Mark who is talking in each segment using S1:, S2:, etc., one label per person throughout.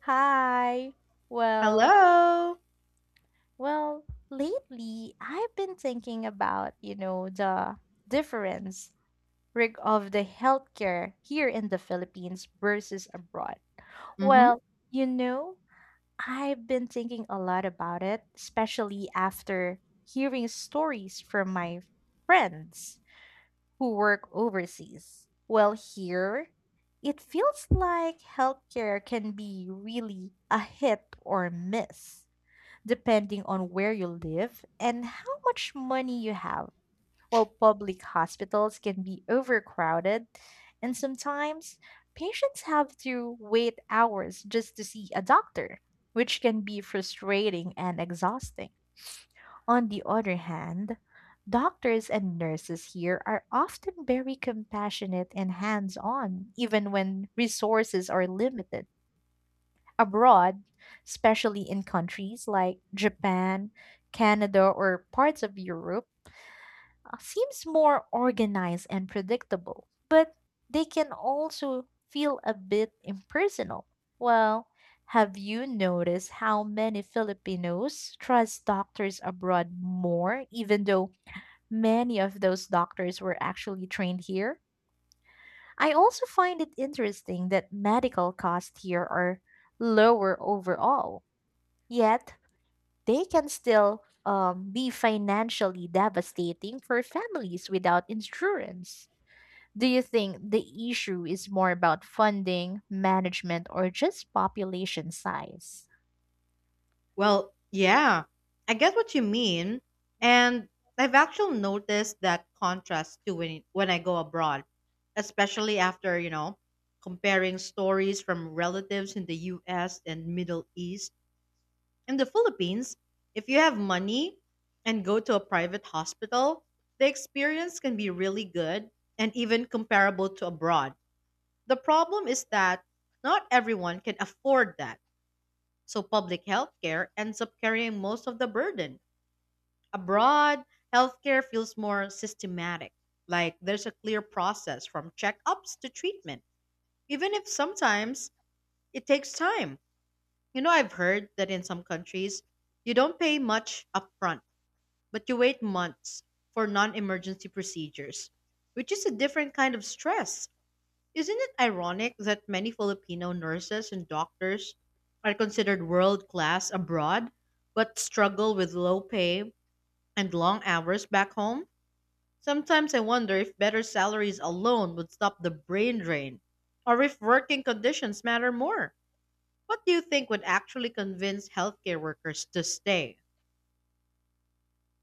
S1: Hi. Well,
S2: Hello.
S1: well, lately I've been thinking about, you know, the difference of the healthcare here in the Philippines versus abroad.
S2: Mm-hmm.
S1: Well, you know, I've been thinking a lot about it, especially after hearing stories from my friends who work overseas. Well, here it feels like healthcare can be really a hit or miss depending on where you live and how much money you have. While public hospitals can be overcrowded, and sometimes patients have to wait hours just to see a doctor, which can be frustrating and exhausting. On the other hand, doctors and nurses here are often very compassionate and hands on, even when resources are limited abroad, especially in countries like Japan, Canada, or parts of Europe, seems more organized and predictable, but they can also feel a bit impersonal. Well, have you noticed how many Filipinos trust doctors abroad more, even though many of those doctors were actually trained here? I also find it interesting that medical costs here are lower overall. Yet, they can still be financially devastating for families without insurance. Do you think the issue is more about funding, management, or just population size?
S2: Well, yeah, I get what you mean, and I've actually noticed that contrast too when I go abroad, especially after comparing stories from relatives in the U.S. and Middle East and the Philippines. If you have money and go to a private hospital, the experience can be really good and even comparable to abroad. The problem is that not everyone can afford that. So public healthcare ends up carrying most of the burden. Abroad, healthcare feels more systematic, like there's a clear process from checkups to treatment, even if sometimes it takes time. I've heard that in some countries, you don't pay much upfront, but you wait months for non emergency procedures, which is a different kind of stress. Isn't it ironic that many Filipino nurses and doctors are considered world class abroad but struggle with low pay and long hours back home? Sometimes I wonder if better salaries alone would stop the brain drain or if working conditions matter more. What do you think would actually convince healthcare workers to stay?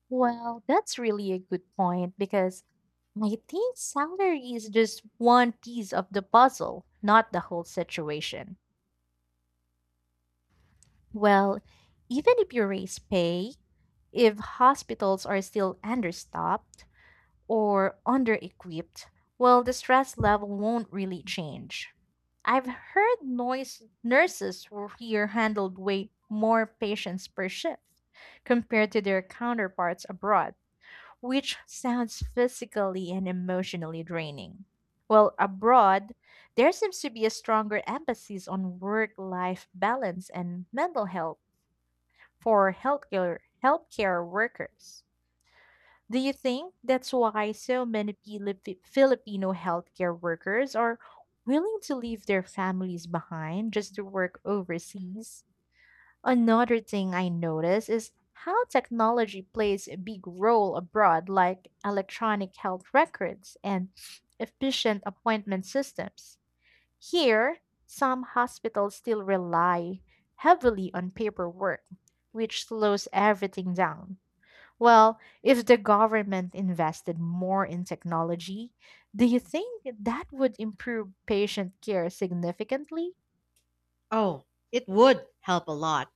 S1: Well, that's really a good point because I think salary is just one piece of the puzzle, not the whole situation. Well, even if you raise pay, if hospitals are still understaffed, or under equipped, well, the stress level won't really change. I've heard noise nurses who here handled way more patients per shift compared to their counterparts abroad, which sounds physically and emotionally draining. Well, abroad, there seems to be a stronger emphasis on work life balance and mental health for healthcare workers. Do you think that's why so many Filipino healthcare workers are willing to leave their families behind just to work overseas? Another thing I notice is how technology plays a big role abroad, like electronic health records and efficient appointment systems. Here, some hospitals still rely heavily on paperwork, which slows everything down. Well, if the government invested more in technology, do you think that would improve patient care significantly?
S2: Oh, it would help a lot,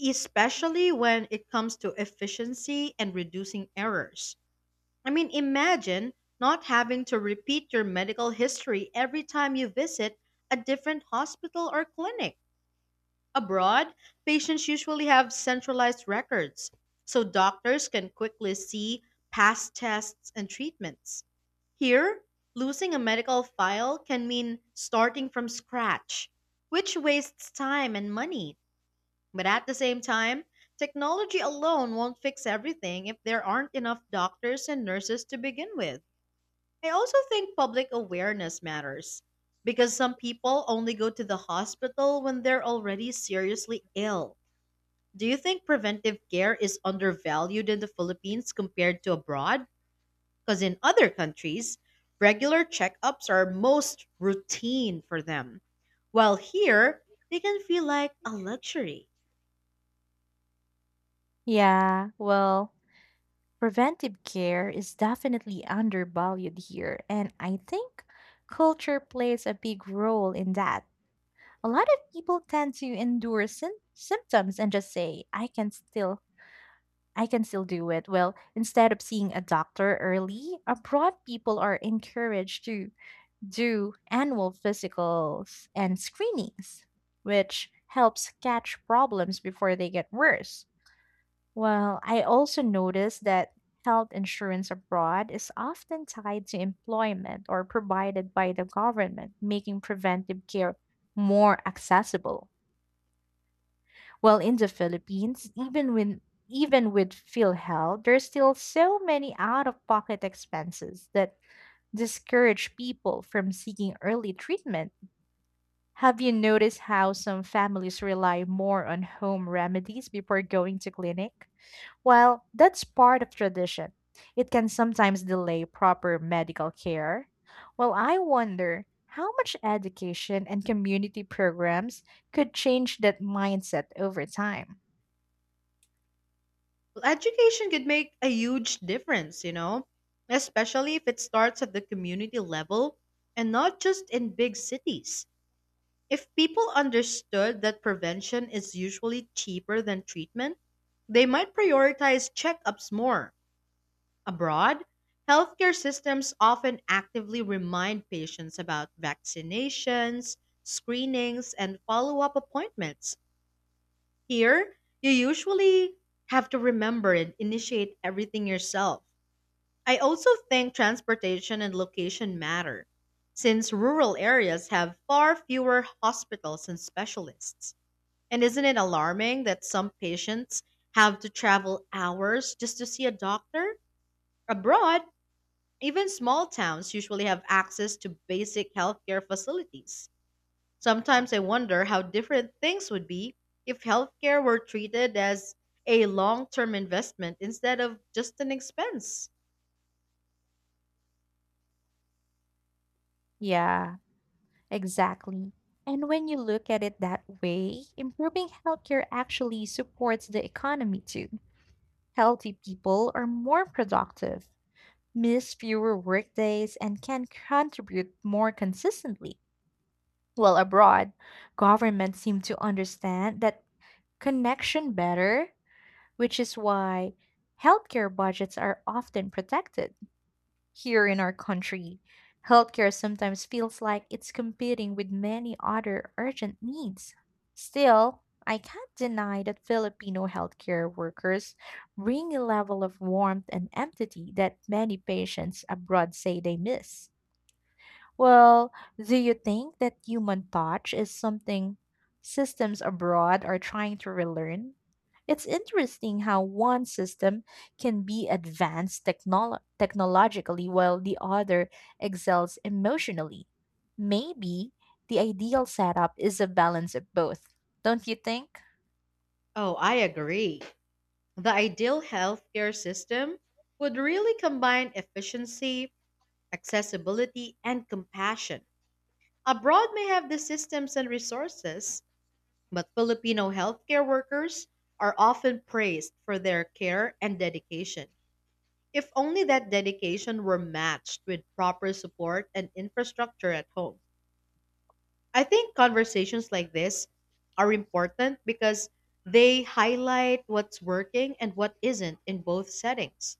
S2: especially when it comes to efficiency and reducing errors. I mean, imagine not having to repeat your medical history every time you visit a different hospital or clinic. Abroad, patients usually have centralized records, so doctors can quickly see past tests and treatments. Here, losing a medical file can mean starting from scratch, which wastes time and money. But at the same time, technology alone won't fix everything if there aren't enough doctors and nurses to begin with. I also think public awareness matters because some people only go to the hospital when they're already seriously ill. Do you think preventive care is undervalued in the Philippines compared to abroad? Because in other countries, regular checkups are most routine for them, while here, they can feel like a luxury.
S1: Yeah, well, preventive care is definitely undervalued here, and I think culture plays a big role in that. A lot of people tend to endure symptoms and just say, I can still do it." Well, instead of seeing a doctor early, abroad people are encouraged to do annual physicals and screenings, which helps catch problems before they get worse. Well, I also noticed that health insurance abroad is often tied to employment or provided by the government, making preventive care more accessible. Well, in the Philippines, even with PhilHealth, there's still so many out-of-pocket expenses that discourage people from seeking early treatment. Have you noticed how some families rely more on home remedies before going to clinic? While that's part of tradition, it can sometimes delay proper medical care. Well, I wonder how much education and community programs could change that mindset over time.
S2: Well, education could make a huge difference, especially if it starts at the community level and not just in big cities. If people understood that prevention is usually cheaper than treatment, they might prioritize checkups more. Abroad, healthcare systems often actively remind patients about vaccinations, screenings, and follow up appointments. Here, you usually have to remember and initiate everything yourself. I also think transportation and location matter, since rural areas have far fewer hospitals and specialists. And isn't it alarming that some patients have to travel hours just to see a doctor? Abroad, even small towns usually have access to basic healthcare facilities. Sometimes I wonder how different things would be if healthcare were treated as a long term investment instead of just an expense.
S1: Yeah, exactly. And when you look at it that way, improving healthcare actually supports the economy too. Healthy people are more productive, miss fewer workdays, and can contribute more consistently. While abroad, governments seem to understand that connection better, which is why healthcare budgets are often protected. Here in our country, healthcare sometimes feels like it's competing with many other urgent needs. Still, I can't deny that Filipino healthcare workers bring a level of warmth and empathy that many patients abroad say they miss. Well, do you think that human touch is something systems abroad are trying to relearn? It's interesting how one system can be technologically while the other excels emotionally. Maybe the ideal setup is a balance of both, don't you think?
S2: Oh, I agree. The ideal healthcare system would really combine efficiency, accessibility, and compassion. Abroad may have the systems and resources, but Filipino healthcare workers are often praised for their care and dedication. If only that dedication were matched with proper support and infrastructure at home. I think conversations like this are important because they highlight what's working and what isn't in both settings.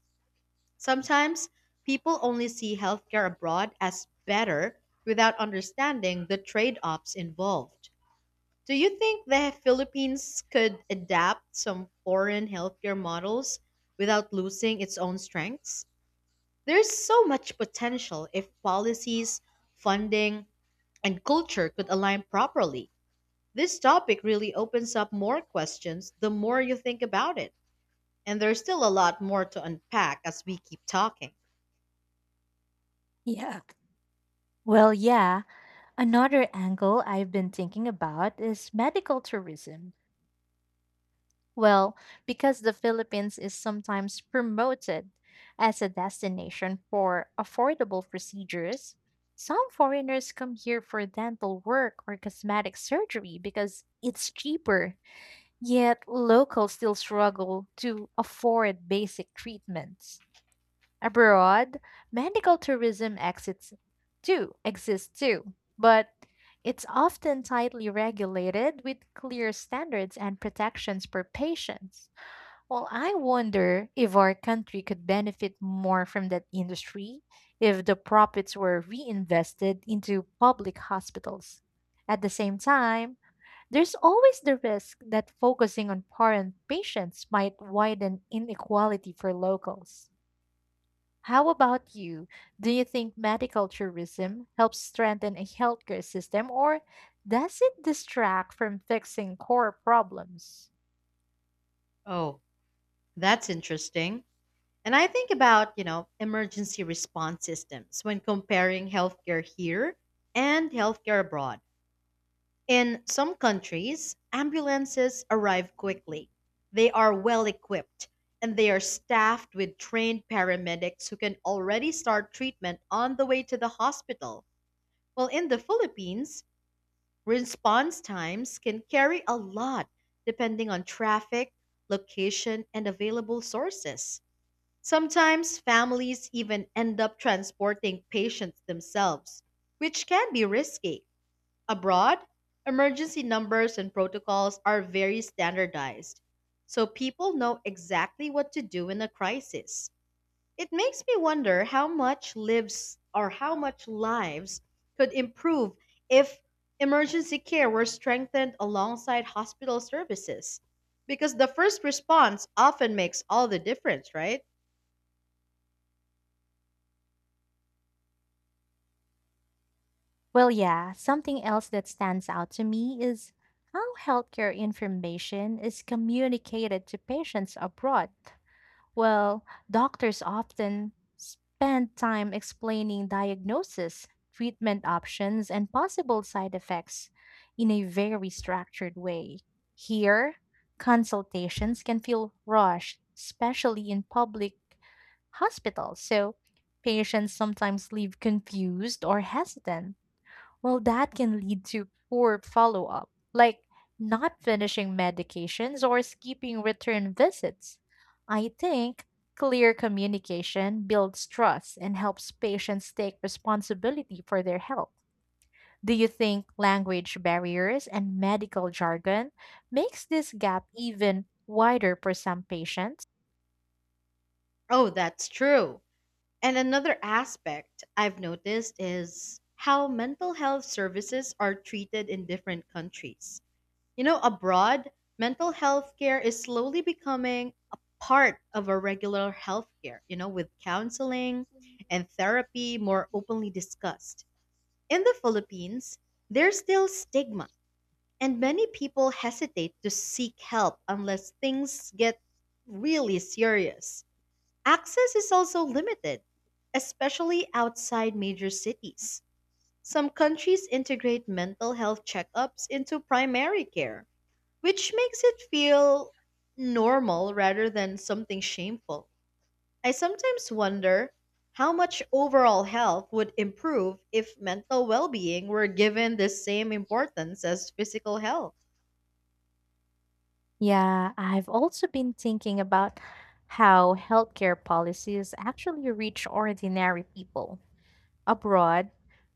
S2: Sometimes people only see healthcare abroad as better without understanding the trade offs involved. Do you think the Philippines could adapt some foreign healthcare models without losing its own strengths? There's so much potential if policies, funding, and culture could align properly. This topic really opens up more questions the more you think about it. And there's still a lot more to unpack as we keep talking.
S1: Yeah. Well, yeah, another angle I've been thinking about is medical tourism. Well, because the Philippines is sometimes promoted as a destination for affordable procedures, some foreigners come here for dental work or cosmetic surgery because it's cheaper. Yet locals still struggle to afford basic treatments. Abroad, medical tourism exits too exists too, but it's often tightly regulated with clear standards and protections for patients. Well, I wonder if our country could benefit more from that industry if the profits were reinvested into public hospitals. At the same time, there's always the risk that focusing on foreign patients might widen inequality for locals. How about you? Do you think medical tourism helps strengthen a healthcare system or does it distract from fixing core problems?
S2: Oh, that's interesting. And I think about, emergency response systems when comparing healthcare here and healthcare abroad. In some countries, ambulances arrive quickly. They are well equipped and they are staffed with trained paramedics who can already start treatment on the way to the hospital. Well, in the Philippines, response times can carry a lot depending on traffic, location, and available sources. Sometimes families even end up transporting patients themselves, which can be risky. Abroad, emergency numbers and protocols are very standardized, so people know exactly what to do in a crisis. It makes me wonder how much lives or how much lives could improve if emergency care were strengthened alongside hospital services, because the first response often makes all the difference, right?
S1: Well, yeah, something else that stands out to me is how healthcare information is communicated to patients abroad. Well, doctors often spend time explaining diagnosis, treatment options, and possible side effects in a very structured way. Here, consultations can feel rushed, especially in public hospitals, so patients sometimes leave confused or hesitant. Well, that can lead to poor follow up, like not finishing medications or skipping return visits. I think clear communication builds trust and helps patients take responsibility for their health. Do you think language barriers and medical jargon makes this gap even wider for some patients?
S2: Oh, that's true. And another aspect I've noticed is how mental health services are treated in different countries. Abroad, mental health care is slowly becoming a part of our regular health care, with counseling and therapy more openly discussed. In the Philippines, there's still stigma, and many people hesitate to seek help unless things get really serious. Access is also limited, especially outside major cities. Some countries integrate mental health checkups into primary care, which makes it feel normal rather than something shameful. I sometimes wonder how much overall health would improve if mental well being were given the same importance as physical health.
S1: Yeah, I've also been thinking about how healthcare policies actually reach ordinary people. Abroad,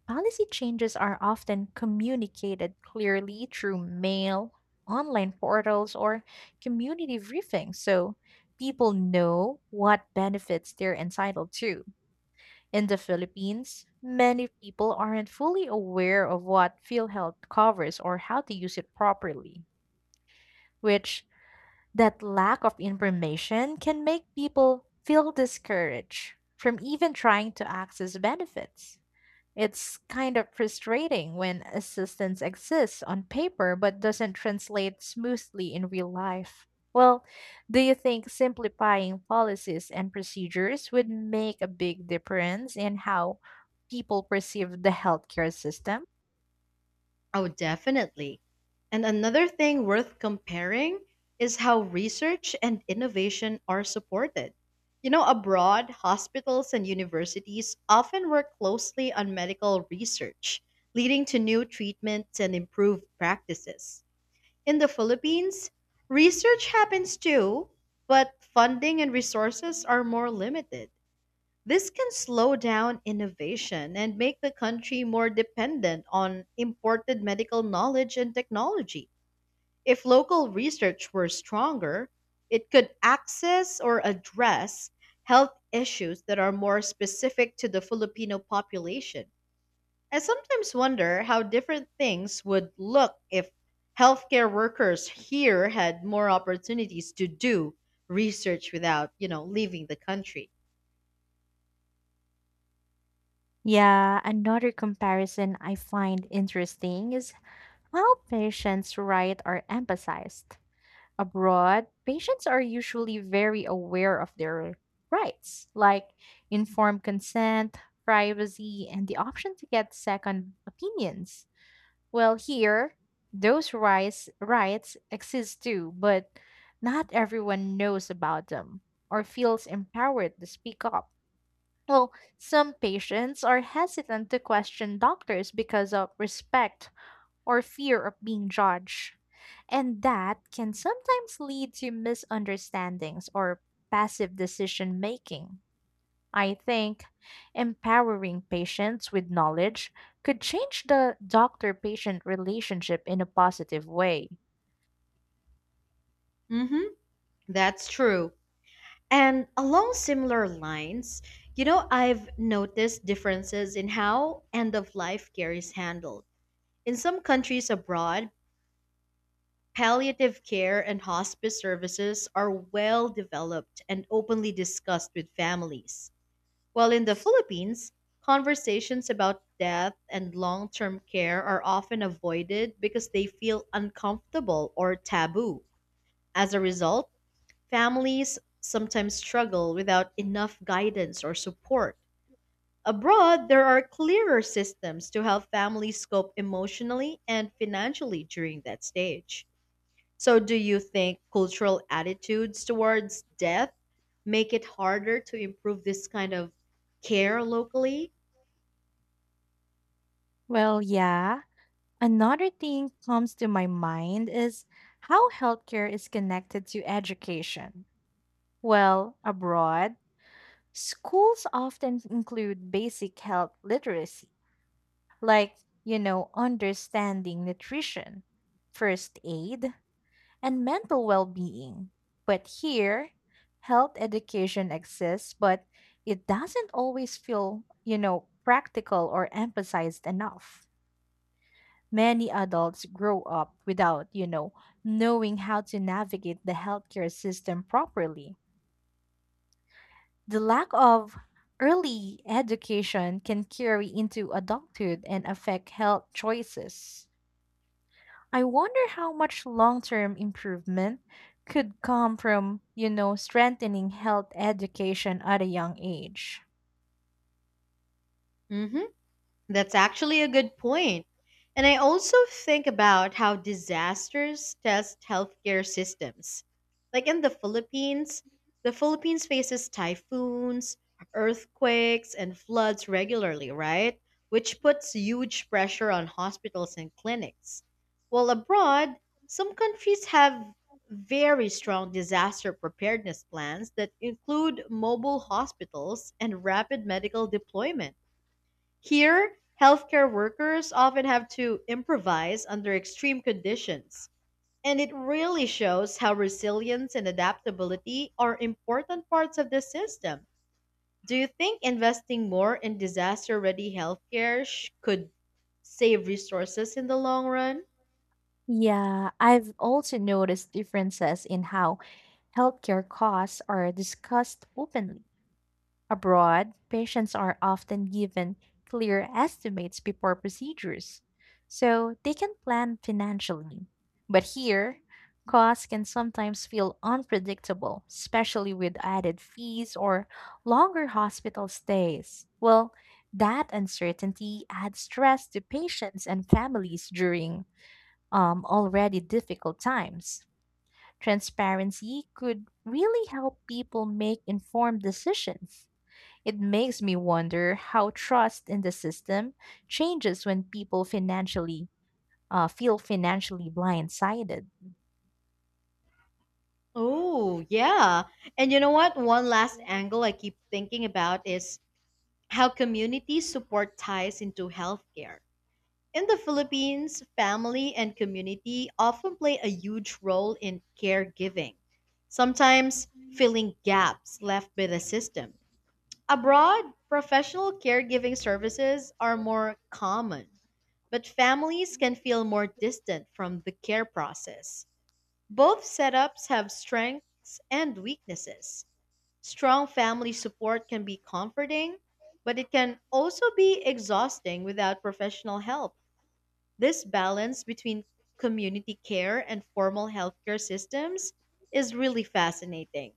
S1: policy changes are often communicated clearly through mail, online portals, or community briefings so people know what benefits they're entitled to. In the Philippines, many people aren't fully aware of what PhilHealth covers or how to use it properly, which that lack of information can make people feel discouraged from even trying to access benefits. It's kind of frustrating when assistance exists on paper but doesn't translate smoothly in real life. Well, do you think simplifying policies and procedures would make a big difference in how people perceive the healthcare system?
S2: Oh, definitely. And another thing worth comparing is how research and innovation are supported. Abroad, hospitals and universities often work closely on medical research, leading to new treatments and improved practices. In the Philippines, research happens too, but funding and resources are more limited. This can slow down innovation and make the country more dependent on imported medical knowledge and technology. If local research were stronger, it could access or address health issues that are more specific to the Filipino population. I sometimes wonder how different things would look if healthcare workers here had more opportunities to do research without, leaving the country.
S1: Yeah, another comparison I find interesting is how patients' rights are emphasized. Abroad, patients are usually very aware of their rights, like informed consent, privacy, and the option to get second opinions. Well, here, those rights exist too, but not everyone knows about them or feels empowered to speak up. Well, some patients are hesitant to question doctors because of respect or fear of being judged. And that can sometimes lead to misunderstandings or passive decision making. I think empowering patients with knowledge could change the doctor patient relationship in a positive way.
S2: Mhm. That's true. And along similar lines, I've noticed differences in how end of life care is handled. In some countries abroad, palliative care and hospice services are well developed and openly discussed with families. While in the Philippines, conversations about death and long term care are often avoided because they feel uncomfortable or taboo. As a result, families sometimes struggle without enough guidance or support. Abroad, there are clearer systems to help families cope emotionally and financially during that stage. So, do you think cultural attitudes towards death make it harder to improve this kind of care locally?
S1: Well, yeah. Another thing comes to my mind is how healthcare is connected to education. Well, abroad, schools often include basic health literacy like, you know, understanding nutrition, first aid, and mental well being. But here, health education exists, but it doesn't always feel, you know, practical or emphasized enough. Many adults grow up without, you know, knowing how to navigate the healthcare system properly. The lack of early education can carry into adulthood and affect health choices. I wonder how much long term improvement could come from, you know, strengthening health education at a young age.
S2: Hmm. That's actually a good point. And I also think about how disasters test healthcare systems. Like in the Philippines faces typhoons, earthquakes, and floods regularly, right? Which puts huge pressure on hospitals and clinics. While abroad, some countries have very strong disaster preparedness plans that include mobile hospitals and rapid medical deployment. Here, healthcare workers often have to improvise under extreme conditions, and it really shows how resilience and adaptability are important parts of the system. Do you think investing more in disaster ready healthcare could save resources in the long run?
S1: Yeah, I've also noticed differences in how healthcare costs are discussed openly. Abroad, patients are often given clear estimates before procedures, so they can plan financially. But here, costs can sometimes feel unpredictable, especially with added fees or longer hospital stays. Well, that uncertainty adds stress to patients and families during already difficult times. Transparency could really help people make informed decisions. It makes me wonder how trust in the system changes when people financially feel financially blindsided.
S2: Oh, yeah. And you know what? One last angle I keep thinking about is how community support ties into healthcare. In the Philippines, family and community often play a huge role in caregiving, sometimes filling gaps left by the system. Abroad, professional caregiving services are more common, but families can feel more distant from the care process. Both setups have strengths and weaknesses. Strong family support can be comforting, but it can also be exhausting without professional help. This balance between community care and formal healthcare systems is really fascinating.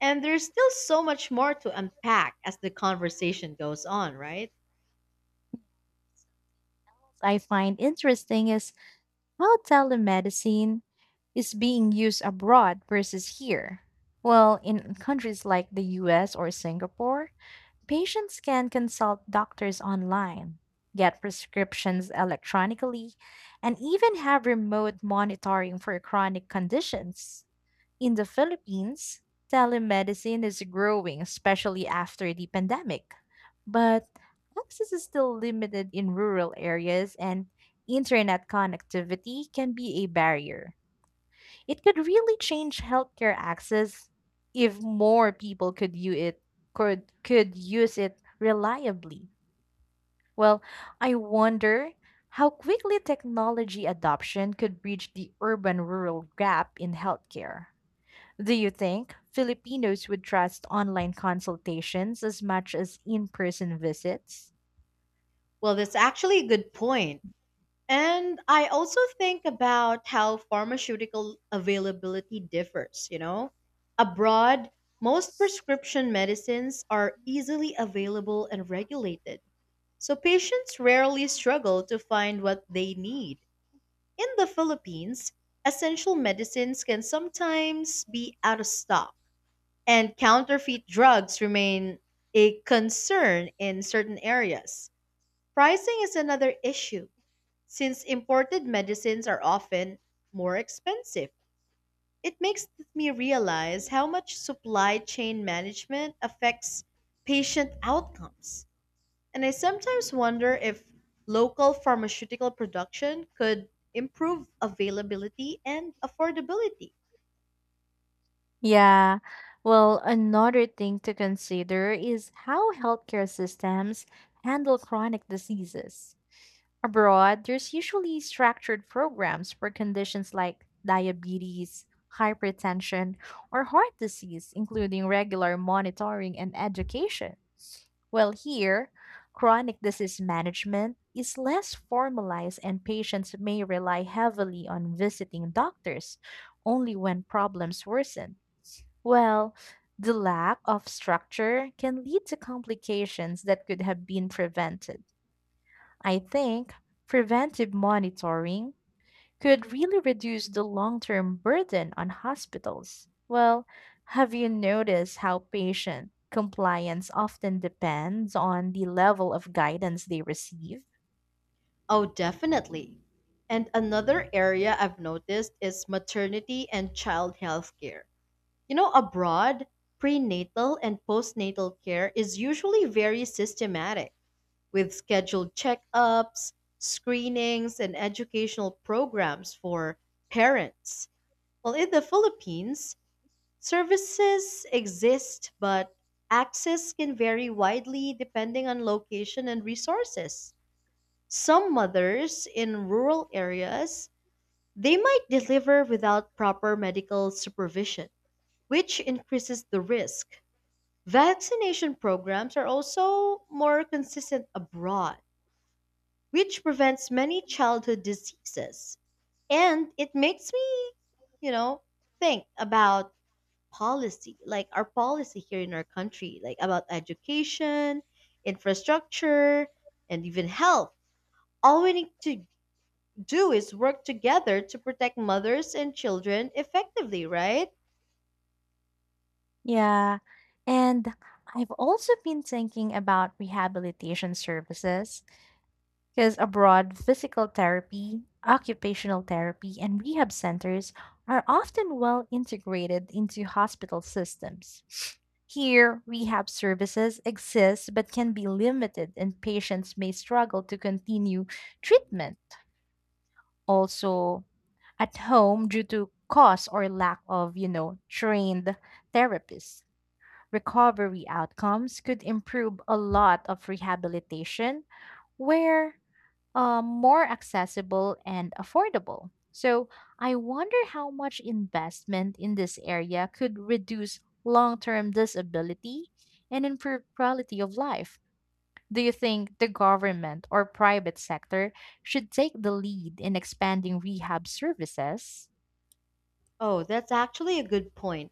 S2: And there's still so much more to unpack as the conversation goes on, right?
S1: I find interesting is how telemedicine is being used abroad versus here. Well, in countries like the US or Singapore, patients can consult doctors online, get prescriptions electronically, and even have remote monitoring for chronic conditions. In the Philippines, telemedicine is growing, especially after the pandemic. But access is still limited in rural areas, and internet connectivity can be a barrier. It could really change healthcare access if more people could use it could use it reliably. Well, I wonder how quickly technology adoption could bridge the urban rural gap in healthcare. Do you think Filipinos would trust online consultations as much as in person visits?
S2: Well, that's actually a good point. And I also think about how pharmaceutical availability differs, you know? Abroad, most prescription medicines are easily available and regulated. So patients rarely struggle to find what they need. In the Philippines, essential medicines can sometimes be out of stock, and counterfeit drugs remain a concern in certain areas. Pricing is another issue. Since imported medicines are often more expensive, it makes me realize how much supply chain management affects patient outcomes. And I sometimes wonder if local pharmaceutical production could improve availability and affordability.
S1: Yeah. Well, another thing to consider is how healthcare systems handle chronic diseases. Abroad, there's usually structured programs for conditions like diabetes, hypertension, or heart disease, including regular monitoring and education. Well, here, chronic disease management is less formalized and patients may rely heavily on visiting doctors only when problems worsen. Well, the lack of structure can lead to complications that could have been prevented. I think preventive monitoring could really reduce the long term burden on hospitals. Well, have you noticed how patient compliance often depends on the level of guidance they receive?
S2: Oh, definitely. And another area I've noticed is maternity and child health care. Abroad, prenatal and postnatal care is usually very systematic with scheduled checkups, screenings, and educational programs for parents. Well, in the Philippines, services exist, but access can vary widely depending on location and resources. Some mothers in rural areas, they might deliver without proper medical supervision, which increases the risk. Vaccination programs are also more consistent abroad, which prevents many childhood diseases. And it makes me, you know, think about policy, like our policy here in our country, like about education, infrastructure, and even health. All we need to do is work together to protect mothers and children effectively, right?
S1: Yeah, and I've also been thinking about rehabilitation services. Because abroad, physical therapy, occupational therapy, and rehab centers are often well integrated into hospital systems. Here, rehab services exist but can be limited, and patients may struggle to continue treatment. Also, at home, due to cost or lack of, you know, trained therapists, recovery outcomes could improve a lot of rehabilitation where more accessible and affordable. So I wonder how much investment in this area could reduce long term disability and improve quality of life. Do you think the government or private sector should take the lead in expanding rehab services?
S2: Oh, that's actually a good point.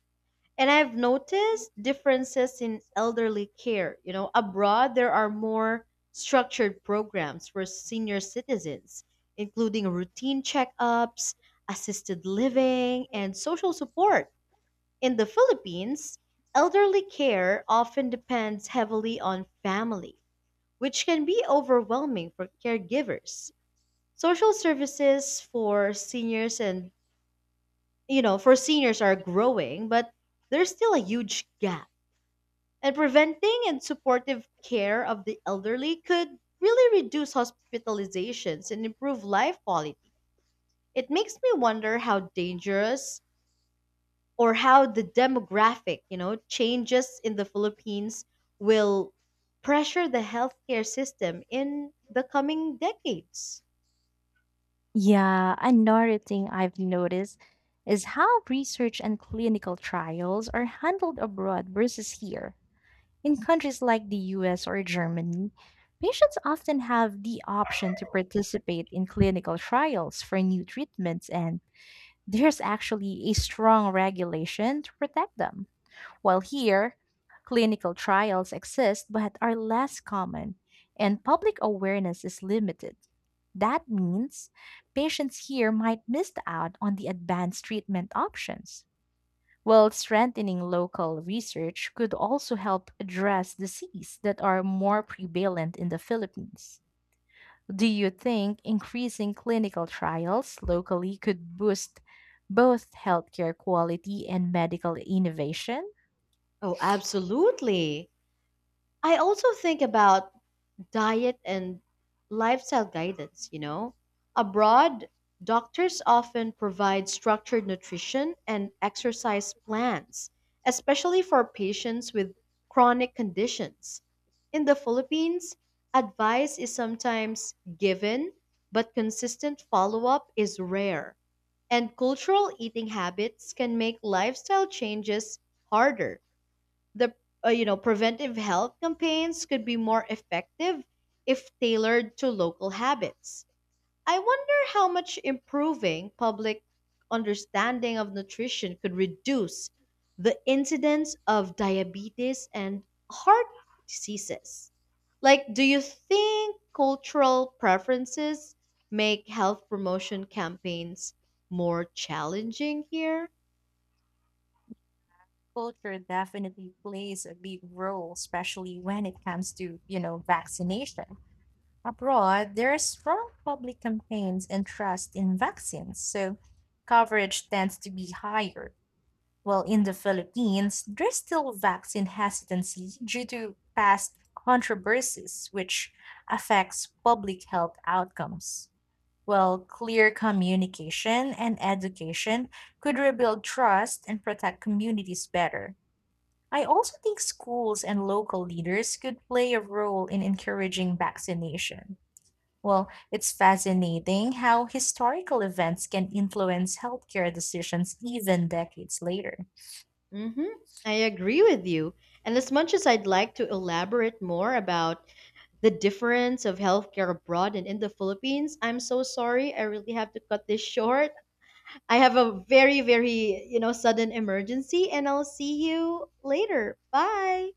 S2: And I've noticed differences in elderly care. Abroad, there are more structured programs for senior citizens, including routine checkups, assisted living, and social support. In the Philippines, elderly care often depends heavily on family, which can be overwhelming for caregivers. Social services for seniors and, for seniors are growing, but there's still a huge gap. And preventing and supportive care of the elderly could really reduce hospitalizations and improve life quality. It makes me wonder how dangerous or how the demographic, changes in the Philippines will pressure the healthcare system in the coming decades.
S1: Yeah, another thing I've noticed is how research and clinical trials are handled abroad versus here. In countries like the US or Germany, patients often have the option to participate in clinical trials for new treatments, and there's actually a strong regulation to protect them. While here, clinical trials exist but are less common, and public awareness is limited. That means patients here might miss out on the advanced treatment options. While strengthening local research could also help address diseases that are more prevalent in the Philippines. Do you think increasing clinical trials locally could boost both healthcare quality and medical innovation?
S2: Oh, absolutely. I also think about diet and lifestyle guidance. Abroad, doctors often provide structured nutrition and exercise plans, especially for patients with chronic conditions. In the Philippines, advice is sometimes given, but consistent follow up is rare. And cultural eating habits can make lifestyle changes harder. The preventive health campaigns could be more effective if tailored to local habits. I wonder how much improving public understanding of nutrition could reduce the incidence of diabetes and heart diseases. Like, do you think cultural preferences make health promotion campaigns more challenging here?
S1: Culture definitely plays a big role, especially when it comes to, you know, vaccination. Abroad, there are strong public campaigns and trust in vaccines, so coverage tends to be higher. Well, in the Philippines, there's still vaccine hesitancy due to past controversies, which affects public health outcomes. Well, clear communication and education could rebuild trust and protect communities better. I also think schools and local leaders could play a role in encouraging vaccination. Well, it's fascinating how historical events can influence healthcare decisions even decades later.
S2: Mm-hmm. I agree with you. And as much as I'd like to elaborate more about the difference of healthcare abroad and in the Philippines, I'm so sorry. I really have to cut this short. I have a very, very, sudden emergency, and I'll see you later. Bye.